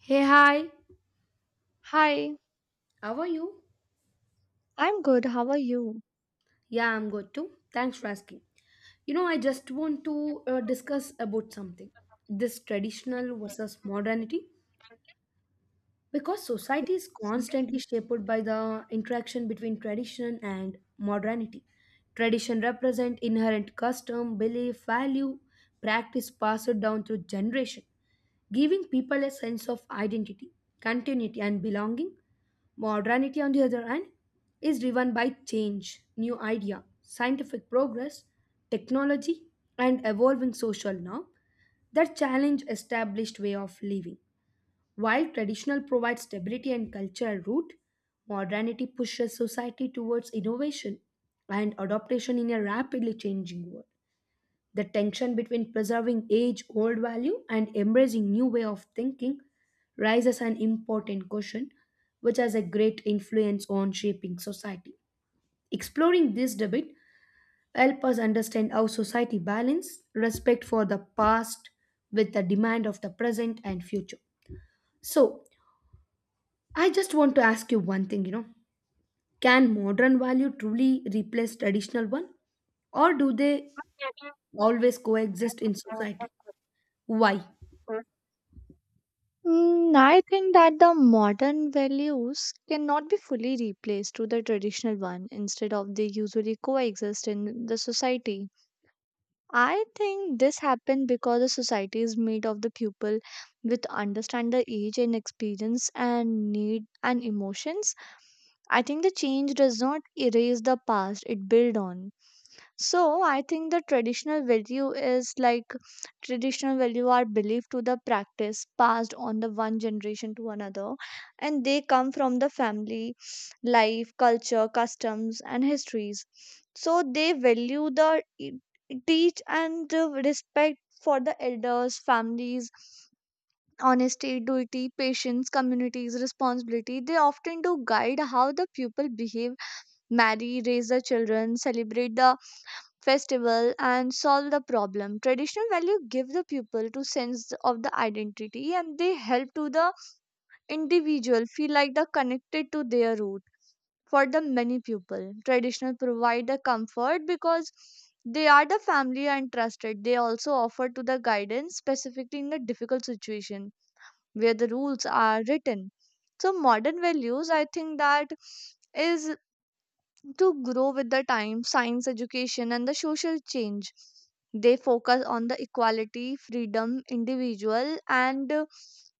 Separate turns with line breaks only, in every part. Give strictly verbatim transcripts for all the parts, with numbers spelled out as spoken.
Hey, hi.
Hi,
How are you?
I'm good. How are you?
Yeah, I'm good too. Thanks for asking. You know, I just want to uh, discuss about something. This traditional versus modernity. Because society is constantly shaped by the interaction between tradition and modernity. Tradition represent inherent custom, belief, value, practice passed down through generation, giving people a sense of identity, continuity and belonging. Modernity on the other hand is driven by change, new idea, scientific progress, technology and evolving social norm that challenge established way of living while traditional provides stability and cultural root, modernity pushes society towards innovation and adaptation in a rapidly changing world. The tension between preserving age old value and embracing new way of thinking raises an important question which has a great influence on shaping society. Exploring this debate help us understand how society balance respect for the past with the demand of the present and future. So, I just want to ask you one thing, you know. Can modern value truly replace traditional one? Or do they always coexist in society? Why?
Mm, I think that the modern values cannot be fully replaced to the traditional one. Instead of they usually coexist in the society. I think this happened because the society is made of the people with understand the age and experience and need and emotions. I think the change does not erase the past; it build on. So I think the traditional value is like traditional value are believed to the practice passed on the one generation to another, and they come from the family life culture customs and histories, so they value the e- teach and uh, respect for the elders families, honesty duty patience communities responsibility. They often do guide how the pupil behave, marry, raise the children, celebrate the festival and solve the problem. Traditional value give the people to sense of the identity and they help to the individual feel like they're connected to their root. For the many people traditional provide the comfort because they are the family and trusted. They also offer to the guidance specifically in the difficult situation where the rules are written. So modern values, I think that is to grow with the time, science education, and the social change. They focus on the equality, freedom, individual, and uh,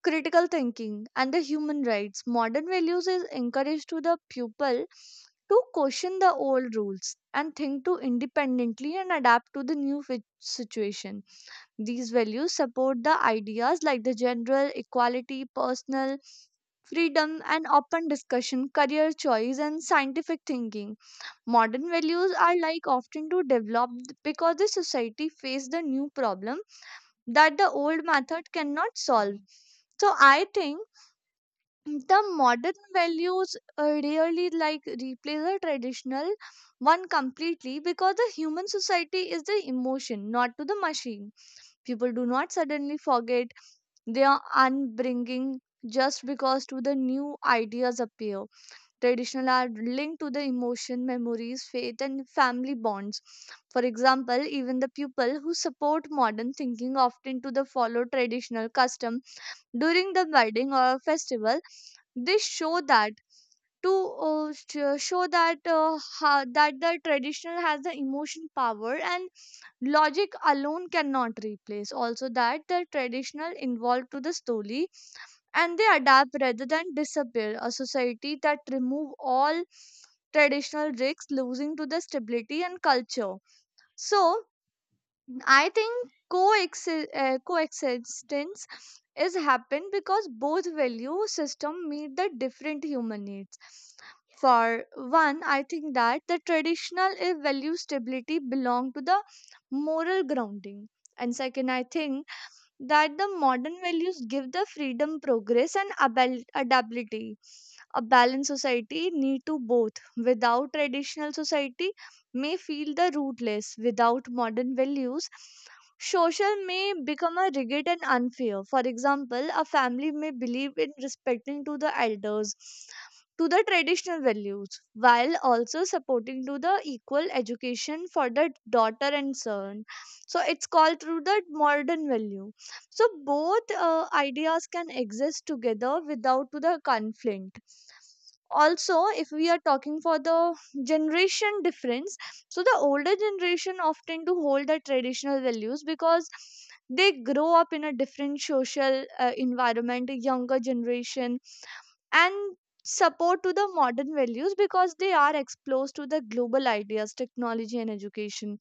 critical thinking and the human rights. Modern values is encouraged to the pupil to question the old rules and think to independently and adapt to the new fit- situation. These values support the ideas like the general equality, personal freedom, and open discussion, career choice, and scientific thinking. Modern values are like often to develop because the society face the new problem that the old method cannot solve. So I think the modern values uh, really like replace the traditional one completely, because the human society is the emotion, not to the machine. People do not suddenly forget their unbringing just because to the new ideas appear. Traditional are linked to the emotion memories faith and family bonds. For example, even the people who support modern thinking often to the follow traditional custom during the wedding or festival. This show that to uh, sh- show that uh, how, that the traditional has the emotion power and logic alone cannot replace, also that the traditional involved to the story and they adapt rather than disappear. A society that remove all traditional risks losing to the stability and culture. So I think coexi- uh, coexistence is happen because both value system meet the different human needs. For one, I think that the traditional eh, value stability belong to the moral grounding. And second, I think that the modern values give the freedom, progress, and abil- adaptability. A balanced society need to both. Without traditional, society may feel the rootless. Without modern values, social may become a rigid and unfair. For example, a family may believe in respecting to the elders to the traditional values, while also supporting to the equal education for the daughter and son. So it's called through the modern value, so both uh, ideas can exist together without to the conflict. Also, if we are talking for the generation difference, so the older generation often to hold the traditional values because they grow up in a different social uh, environment. Younger generation and support to the modern values because they are exposed to the global ideas technology and education.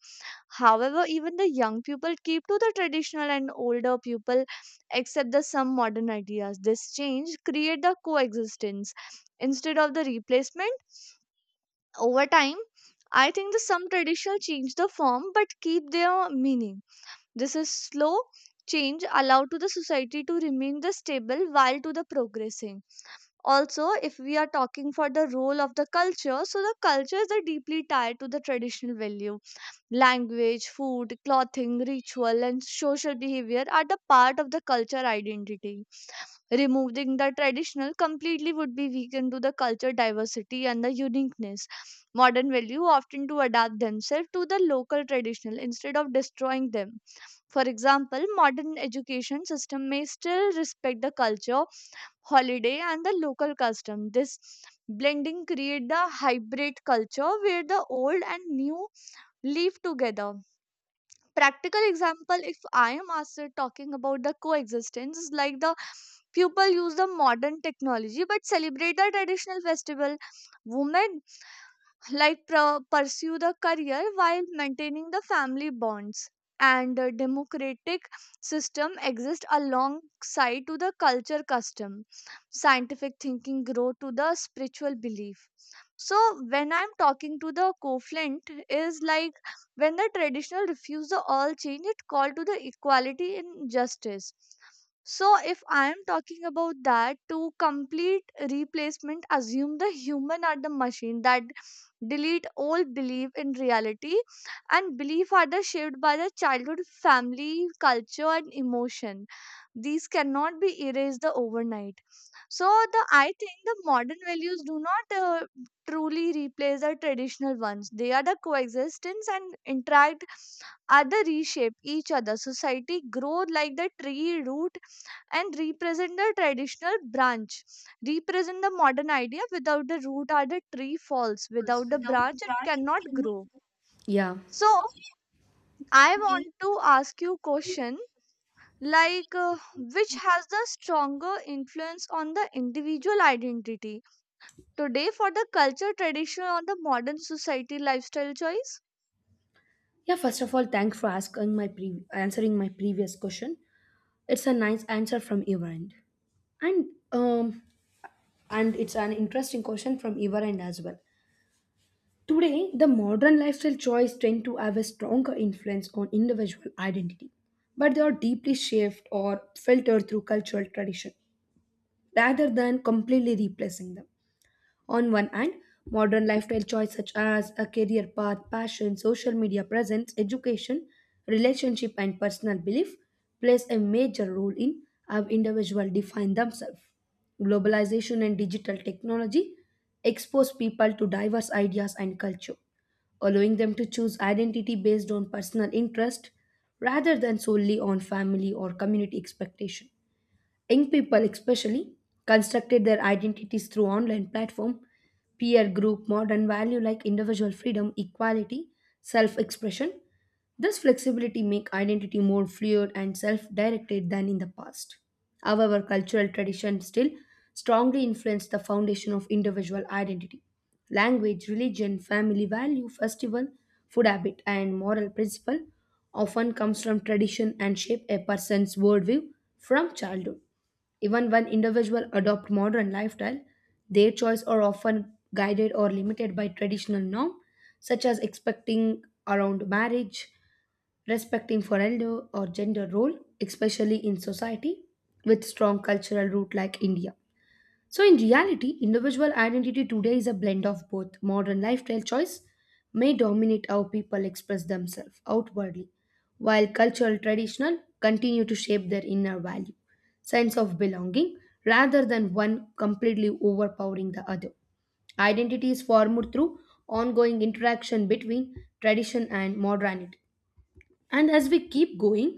However, even the young people keep to the traditional and older people accept the some modern ideas. This change create the coexistence instead of the replacement. Over time, I think the some traditional change the form but keep their meaning. This is slow change allowed to the society to remain the stable while to the progressing. Also, if we are talking for the role of the culture, so the culture is the deeply tied to the traditional value. Language, food, clothing, ritual, and social behavior are the part of the culture identity. Removing the traditional completely would be weakened to the culture diversity and the uniqueness. Modern value often to adapt themselves to the local traditional instead of destroying them. For example, modern education system may still respect the culture, holiday, and the local custom. This blending create the hybrid culture where the old and new live together. Practical example, if I am asked uh, talking about the coexistence, is like the people use the modern technology but celebrate the traditional festival. Women like pro- pursue the career while maintaining the family bonds, and the democratic system exist alongside to the culture custom, scientific thinking grow to the spiritual belief. So when I'm talking to the co-flint is like, when the traditional refuse the all change, it call to the equality in justice. So if I am talking about that to complete replacement, assume the human are the machine that delete old belief. In reality, and belief are the shaped by the childhood family culture and emotion, these cannot be erased the overnight. So the I think the modern values do not uh, truly replace the traditional ones. They are the coexistence and interact, are the reshape each other. Society grow like the tree root and represent the traditional branch, represent the modern idea. Without the root or the tree falls, without the branch it cannot grow.
Yeah.
So I want to ask you question, like uh, which has the stronger influence on the individual identity today, for the culture tradition or the modern society lifestyle choice?
Yeah, first of all, thanks for asking my pre- answering my previous question. It's a nice answer from your end. And um and it's an interesting question from your end as well. Today, the modern lifestyle choice tend to have a stronger influence on individual identity, but they are deeply shaped or filtered through cultural tradition rather than completely replacing them. On one hand, modern lifestyle choices such as a career path, passion, social media presence, education, relationship, and personal belief plays a major role in how individuals define themselves. Globalization and digital technology expose people to diverse ideas and culture, allowing them to choose identity based on personal interest rather than solely on family or community expectation. Young people, especially, constructed their identities through online platform, peer group, modern value like individual freedom, equality, self-expression. This flexibility make identity more fluid and self-directed than in the past. However, cultural traditions still strongly influence the foundation of individual identity. Language, religion, family value, festival, food habit, and moral principle often comes from tradition and shape a person's worldview from childhood. Even when individuals adopt modern lifestyle, their choice are often guided or limited by traditional norms, such as expecting around marriage, respecting for elder or gender role, especially in society with strong cultural root like India. So, in reality, individual identity today is a blend of both. Modern lifestyle choice may dominate how people express themselves outwardly, while cultural traditional continue to shape their inner value, sense of belonging, rather than one completely overpowering the other. Identity is formed through ongoing interaction between tradition and modernity. And as we keep going,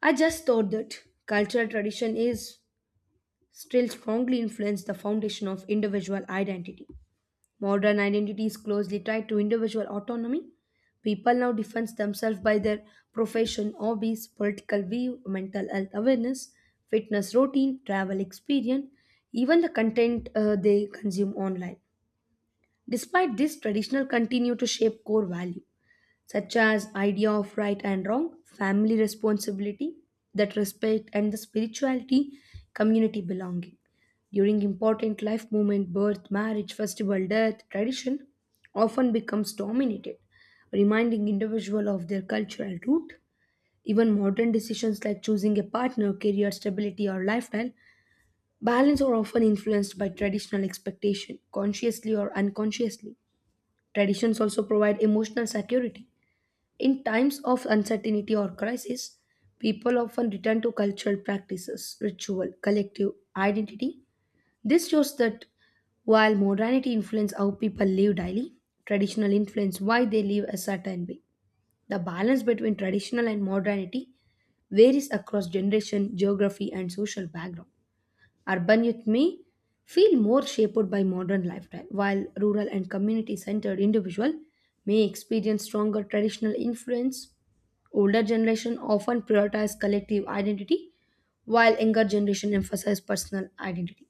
I just thought that cultural tradition is still strongly influence the foundation of individual identity. Modern identity is closely tied to individual autonomy. People now define themselves by their profession, hobbies, political view, mental health awareness, fitness routine, travel experience, even the content uh, they consume online. Despite this, traditional continue to shape core value, such as idea of right and wrong, family responsibility, that respect and the spirituality, community belonging. During important life moment, birth, marriage, festival, death, tradition often becomes dominated, reminding individual of their cultural root. Even modern decisions like choosing a partner, career stability, or lifestyle balance are often influenced by traditional expectation, consciously or unconsciously. Traditions also provide emotional security. In times of uncertainty or crisis, people often return to cultural practices, ritual, collective identity. This shows that while modernity influences how people live daily, traditional influence why they live a certain way. The balance between traditional and modernity varies across generation, geography, and social background. Urban youth may feel more shaped by modern lifestyle, while rural and community centered individual may experience stronger traditional influence. Older generation often prioritize collective identity, while younger generation emphasize personal identity.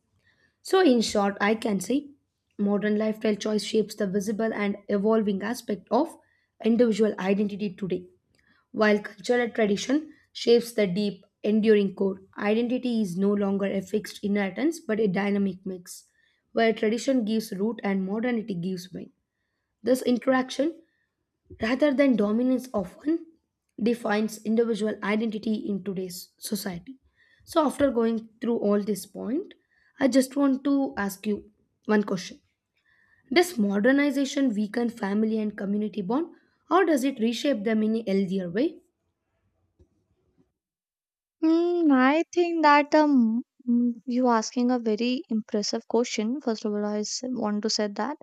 So, in short, I can say modern lifestyle choice shapes the visible and evolving aspect of individual identity today. While cultural tradition shapes the deep, enduring core, identity is no longer a fixed inheritance but a dynamic mix, where tradition gives root and modernity gives wing. This interaction, rather than dominance of one, defines individual identity in today's society. So, after going through all this point, I just want to ask you one question. Does modernization weaken family and community bond, or does it reshape them in a healthier way?
Hmm, I think that um, mm, you asking a very impressive question. First of all, I s- want to say that.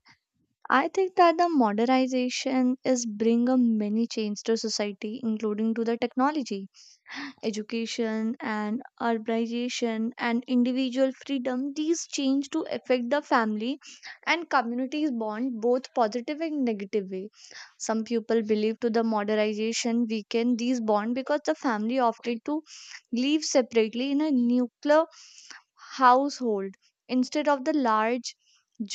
I think that the modernization is bring a many change to society, including to the technology education and urbanization and individual freedom. These change to affect the family and communities bond both positive and negative way. Some people believe to the modernization weaken these bond because the family opted to live separately in a nuclear household instead of the large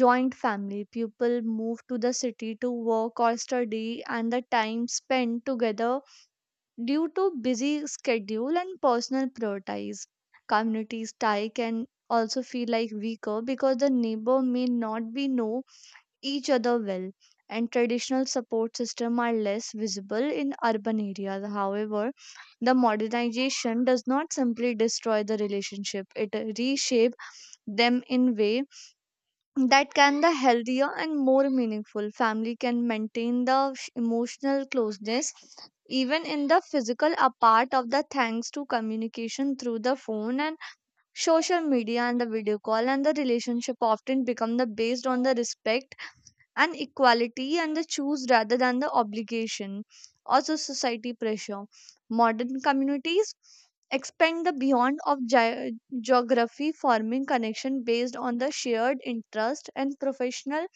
joint family. People move to the city to work or study and the time spent together due to busy schedule and personal priorities. Communities tie can also feel like weaker because the neighbor may not be know each other well, and traditional support system are less visible in urban areas. However, the modernization does not simply destroy the relationship, it reshape them in ways that can the healthier and more meaningful. Family can maintain the sh- emotional closeness even in the physical apart of the, thanks to communication through the phone and social media and the video call. And the relationship often become the based on the respect and equality and the choose rather than the obligation. Also society pressure, modern communities expand the beyond of ge- geography, forming connection based on the shared interest and professional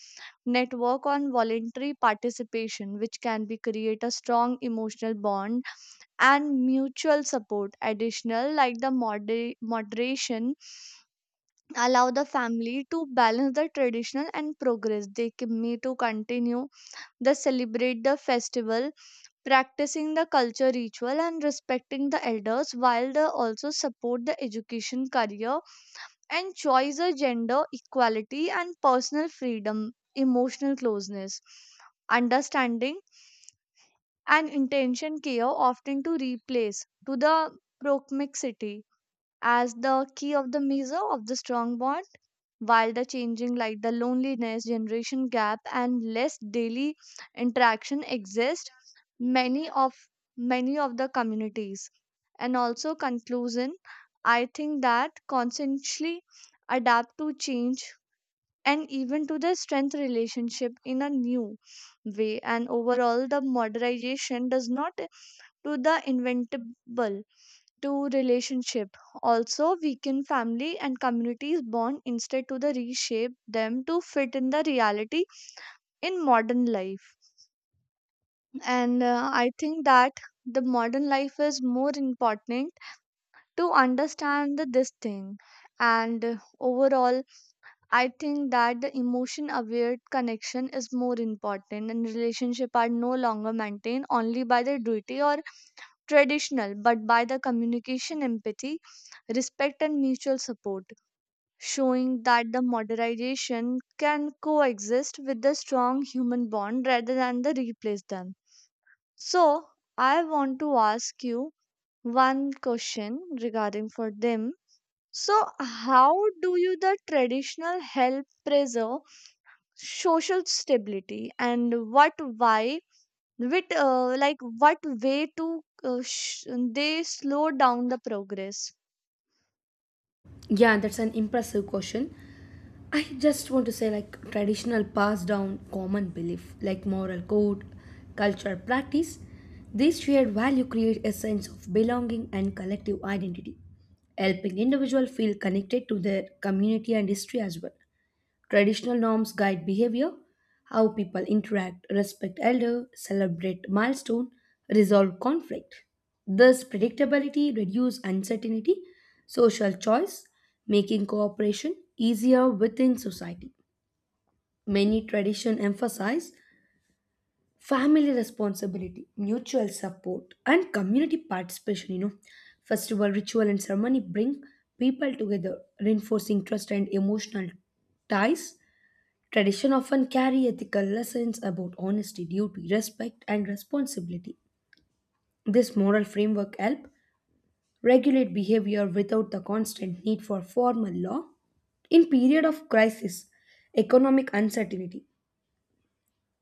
network on voluntary participation, which can be create a strong emotional bond and mutual support. Additional, like the moder- moderation allow the family to balance the traditional and progress. They c- may to continue, they celebrate the festival, practicing the culture ritual and respecting the elders, while they also support the education, career, and choice of gender equality and personal freedom. Emotional closeness, understanding, and intention care often to replace to the proximity as the key of the measure of the strong bond. While the changing like the loneliness generation gap and less daily interaction exist, many of many of the communities and also conclusion, I think that constantly adapt to change and even to the strength relationship in a new way. And overall the modernization does not to the inventable to relationship, also weaken family and communities bond, instead to the reshape them to fit in the reality in modern life. And uh, I think that the modern life is more important to understand the, this thing. And uh, overall I think that the emotion aware connection is more important, and relationship are no longer maintained only by the duty or traditional but by the communication empathy respect and mutual support, showing that the modernization can coexist with the strong human bond rather than the replace them. So I want to ask you one question regarding for them. So how do you the traditional help preserve social stability, and what why with uh, like what way to uh, sh- they slow down the progress?
Yeah, that's an impressive question. I just want to say, like, traditional passed down common belief, like moral code, cultural practice, these shared value create a sense of belonging and collective identity, helping individual feel connected to their community and history as well. Traditional norms guide behavior, how people interact, respect elder, celebrate milestone, resolve conflict. Thus predictability reduces uncertainty, social choice, making cooperation easier within society. Many tradition emphasize family responsibility, mutual support and community participation, you know. Festival ritual and ceremony bring people together, reinforcing trust and emotional ties. Tradition often carry ethical lessons about honesty, duty, respect, and responsibility. This moral framework help regulate behavior without the constant need for formal law. In period of crisis, economic uncertainty,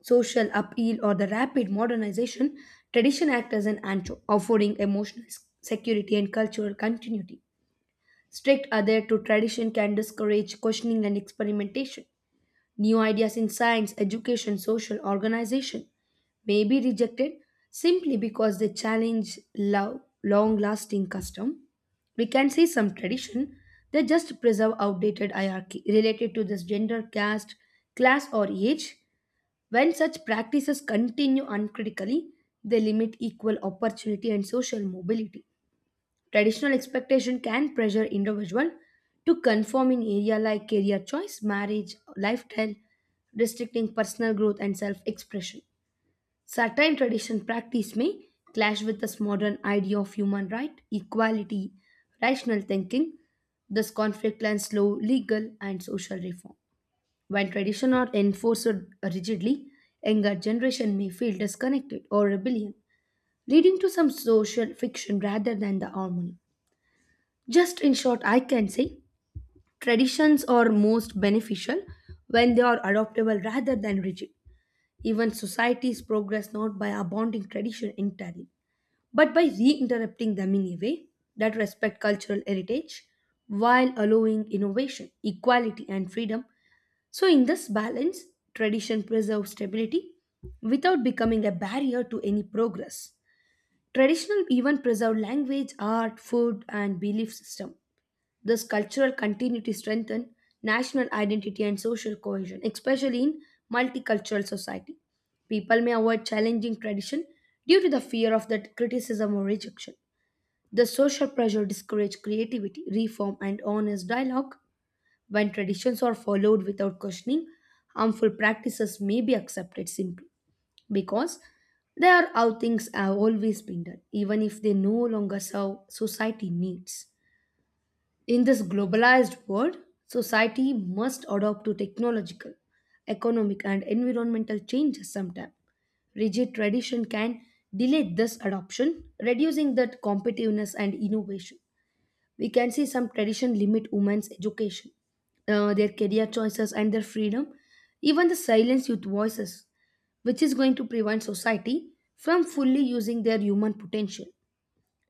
social upheaval, or the rapid modernization, tradition acts as an anchor, offering emotional s- security and cultural continuity. Strict adhere to tradition can discourage questioning and experimentation. New ideas in science, education, social organization may be rejected simply because they challenge lo- long lasting custom. We can see some tradition that just preserve outdated hierarchy related to this gender, caste, class, or age. When such practices continue uncritically, they limit equal opportunity and social mobility. Traditional expectation can pressure individual to conform in area like career choice, marriage, lifestyle, restricting personal growth and self-expression. Certain tradition practice may clash with this modern idea of human right, equality, rational thinking. This conflict can slow legal and social reform. When tradition are enforced rigidly, younger generation may feel disconnected or rebellion, leading to some social fiction rather than the harmony. Just in short, I can say traditions are most beneficial when they are adoptable rather than rigid. Even societies progress not by abounding tradition entirely, but by reinterrupting them in a way that respect cultural heritage while allowing innovation, equality, and freedom. So, in this balance, tradition preserves stability without becoming a barrier to any progress. Traditional even preserve language, art, food, and belief system. This cultural continuity strengthens national identity and social cohesion, especially in multicultural society. People may avoid challenging tradition due to the fear of that criticism or rejection. The social pressure discourages creativity, reform, and honest dialogue. When traditions are followed without questioning, harmful practices may be accepted simply because they are how things have always been done, even if they no longer serve society needs. In this globalized world, society must adapt to technological, economic, and environmental changes sometime. Rigid tradition can delay this adoption, reducing that competitiveness and innovation. We can see some tradition limit women's education, uh, their career choices, and their freedom, even the silence youth voices, which is going to prevent society from fully using their human potential.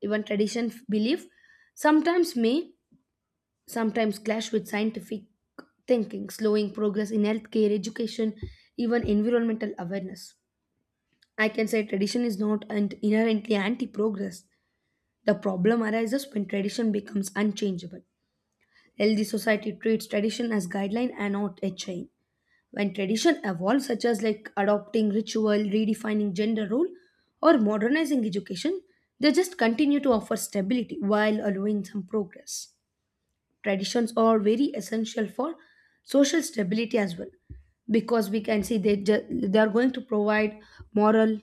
Even tradition f- belief sometimes may sometimes clash with scientific thinking, slowing progress in healthcare, education, even environmental awareness. I can say tradition is not and inherently anti progress. The problem arises when tradition becomes unchangeable. Healthy society treats tradition as guideline and not a chain. When tradition evolves, such as like adopting ritual, redefining gender role, or modernizing education, they just continue to offer stability while allowing some progress. Traditions are very essential for social stability as well, because we can see they ju- they are going to provide moral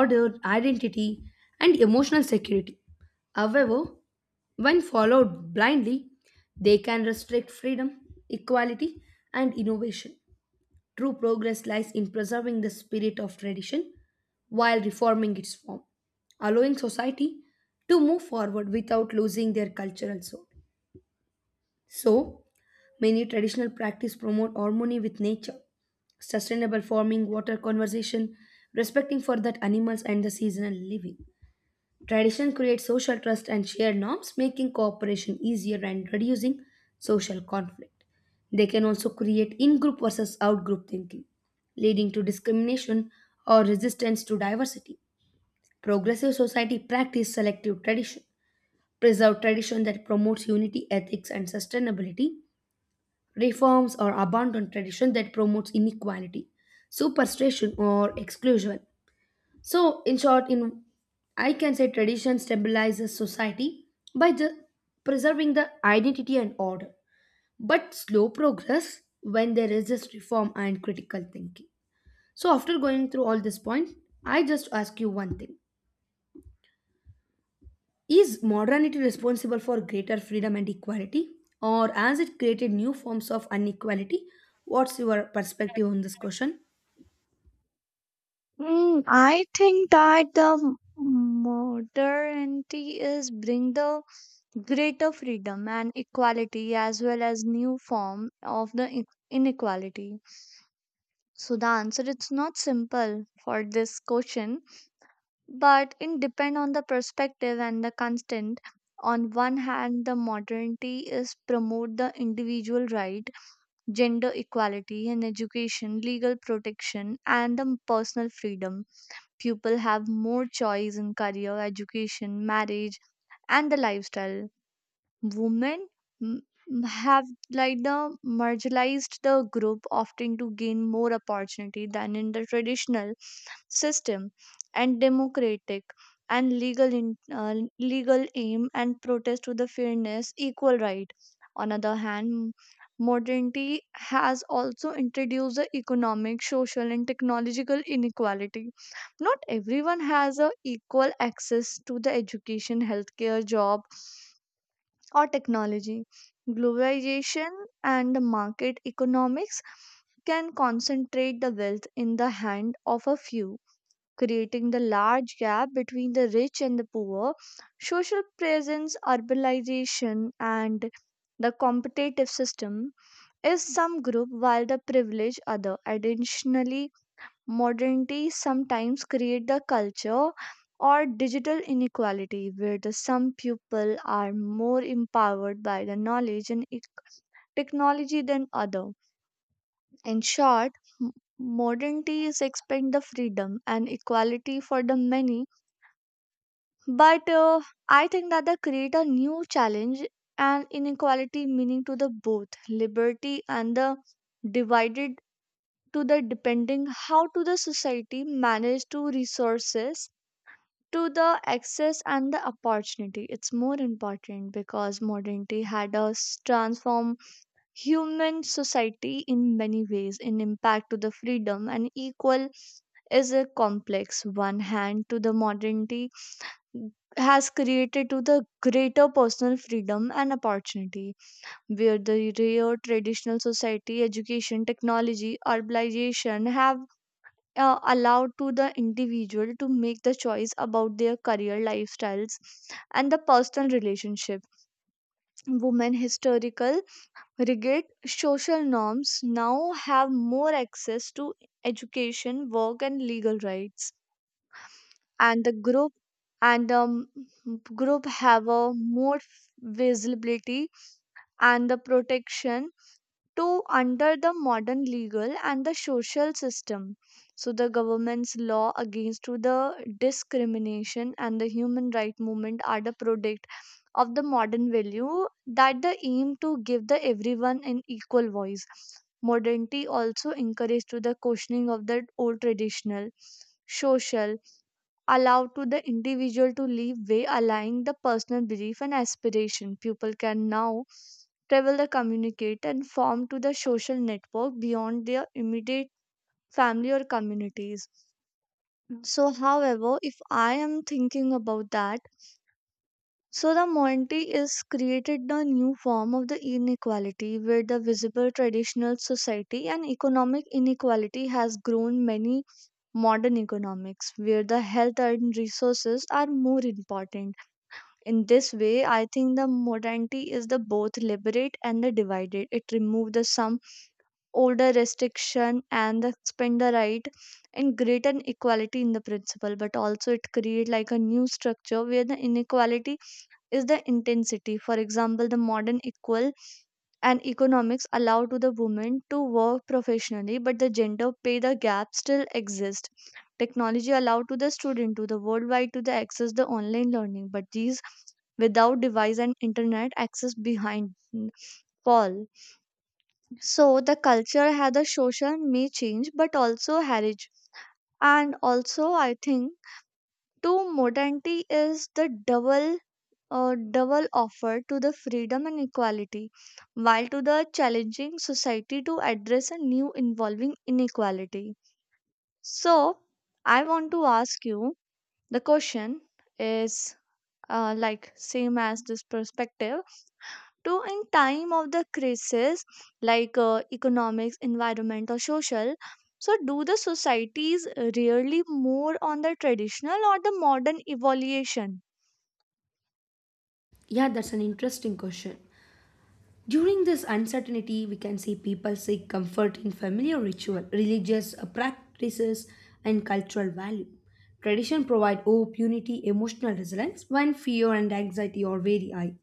order identity and emotional security. However, when followed blindly, they can restrict freedom, equality, and innovation. True progress lies in preserving the spirit of tradition while reforming its form, allowing society to move forward without losing their cultural soul. So, many traditional practices promote harmony with nature, sustainable farming, water conservation, respecting for that animals and the seasonal living. Tradition creates social trust and shared norms, making cooperation easier and reducing social conflict. They can also create in-group versus out-group thinking, leading to discrimination or resistance to diversity. Progressive society practice selective tradition, preserve tradition that promotes unity, ethics, and sustainability reforms or abandon tradition that promotes inequality, superstition, or exclusion. So, in short, in I can say tradition stabilizes society by the preserving the identity and order, but slow progress when there is just reform and critical thinking. So, after going through all this point, I just ask you one thing. Is modernity responsible for greater freedom and equality, or has it created new forms of inequality? What's your perspective on this question?
Mm, I think that the modernity is bring the greater freedom and equality as well as new form of the in- inequality. So the answer it's not simple for this question, but it depend on the perspective and the constant. On one hand, the modernity is promote the individual right, gender equality in education, legal protection, and the personal freedom. People have more choice in career, education, marriage, and the lifestyle. Women mm, mm, have like the marginalized the group often to gain more opportunity than in the traditional system, and democratic and legal in, uh, legal aim and protest to the fairness equal right. On other hand, modernity has also introduced the economic social and technological inequality. Not everyone has a equal access to the education healthcare job or technology. Globalization and the market economics can concentrate the wealth in the hand of a few, creating the large gap between the rich and the poor. Social presence, urbanization, and the competitive system is some group while the privilege other. Additionally, modernity sometimes create the culture or digital inequality where the some people are more empowered by the knowledge and ec- technology than other. In short, m- modernity is expand the freedom and equality for the many, but uh, I think that they create a new challenge and inequality meaning to the both liberty and the divided, to the depending how to the society manage to resources, to the access and the opportunity. It's more important because modernity had us transform human society in many ways in impact to the freedom and equal is a complex. One hand, to the modernity has created to the greater personal freedom and opportunity, where the rare traditional society education technology urbanization have uh, allowed to the individual to make the choice about their career lifestyles and the personal relationship. Women historical rigid social norms now have more access to education work and legal rights, and the group and um, group have a more visibility and the protection, to, under the modern legal and the social system. So the government's law against to the discrimination and the human right movement are the product of the modern value that the aim to give the everyone an equal voice. Modernity also encouraged to the questioning of the old traditional social, allow to the individual to live way aligning the personal belief and aspiration. People can now travel the communicate and form to the social network beyond their immediate family or communities. So however, if I am thinking about that, so the monty is created a new form of the inequality where the visible traditional society and economic inequality has grown many modern economics where the health and resources are more important. In this way, I think the modernity is the both liberate and the divided. It removes the some older restriction and the expand the right and greater equality in the principle, but also it create like a new structure where the inequality is the intensity. For example, the modern equal and economics allow to the women to work professionally but the gender pay the gap still exists. Technology allow to the student to the worldwide to the access the online learning but these without device and internet access behind hmm, fall. So the culture had a social may change but also heritage. And also I think to modernity is the double, a double offer to the freedom and equality, while to the challenging society to address a new involving inequality. So, I want to ask you the question is uh, like same as this perspective, to in time of the crisis, like uh, economics environment or social, so do the societies really more on the traditional or the modern evaluation?
Yeah, that's an interesting question. During this uncertainty, we can see people seek comfort in familiar ritual, religious uh, practices, and cultural value. Tradition provide hope, unity, emotional resilience when fear and anxiety are very high.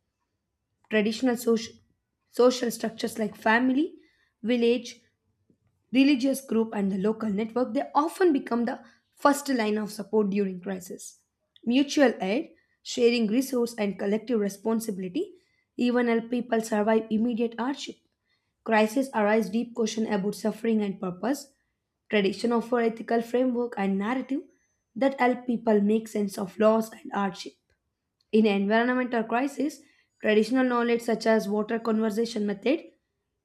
Traditional social social structures like family, village, religious group and the local network they often become the first line of support during crisis. Mutual aid, sharing resource and collective responsibility even help people survive immediate hardship. Crises arise deep question about suffering and purpose. Tradition offer ethical framework and narrative that help people make sense of loss and hardship. In environmental crisis, traditional knowledge such as water conservation method,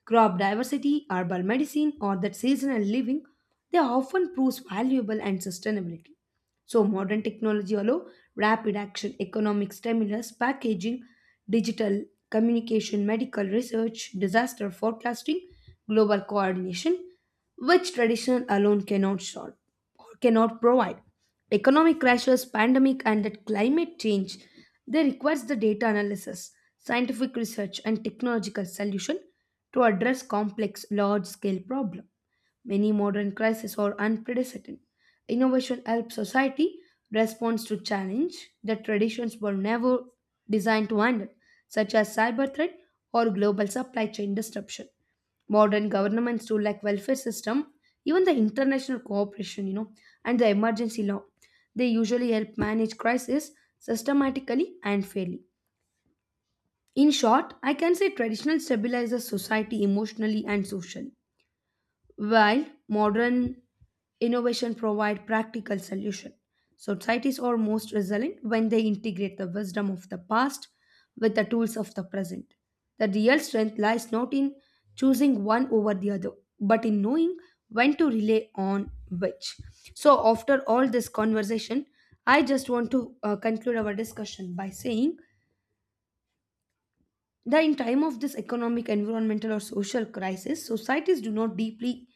crop diversity, herbal medicine, or that seasonal living, they often proves valuable and sustainability. So modern technology allow rapid action, economic stimulus, packaging, digital communication, medical research, disaster forecasting, global coordination, which tradition alone cannot solve or cannot provide. Economic crashes, pandemic, and the climate change, they requires the data analysis, scientific research, and technological solution to address complex, large-scale problem. Many modern crises are unprecedented. Innovation helps society respond to challenge that traditions were never designed to handle, such as cyber threat or global supply chain disruption. Modern governments too, like welfare system, even the international cooperation, you know, and the emergency law, they usually help manage crisis systematically and fairly. In short, I can say traditional stabilizes society emotionally and socially while modern innovation provide practical solution, societies are most resilient when they integrate the wisdom of the past with the tools of the present. The real strength lies not in choosing one over the other, but in knowing when to rely on which. So, after all this conversation, I just want to uh, conclude our discussion by saying that in time of this economic environmental or social crisis societies do not deeply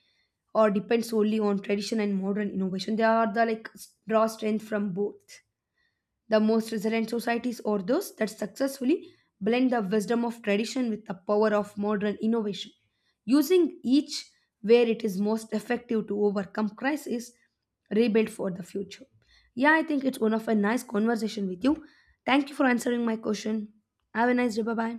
or depend solely on tradition and modern innovation they are the like s- draw strength from both the most resilient societies are those that successfully blend the wisdom of tradition with the power of modern innovation using each where it is most effective to overcome crisis rebuild for the future. Yeah, I think it's one of a nice conversation with you. Thank you for answering my question. Have a nice day. Bye bye.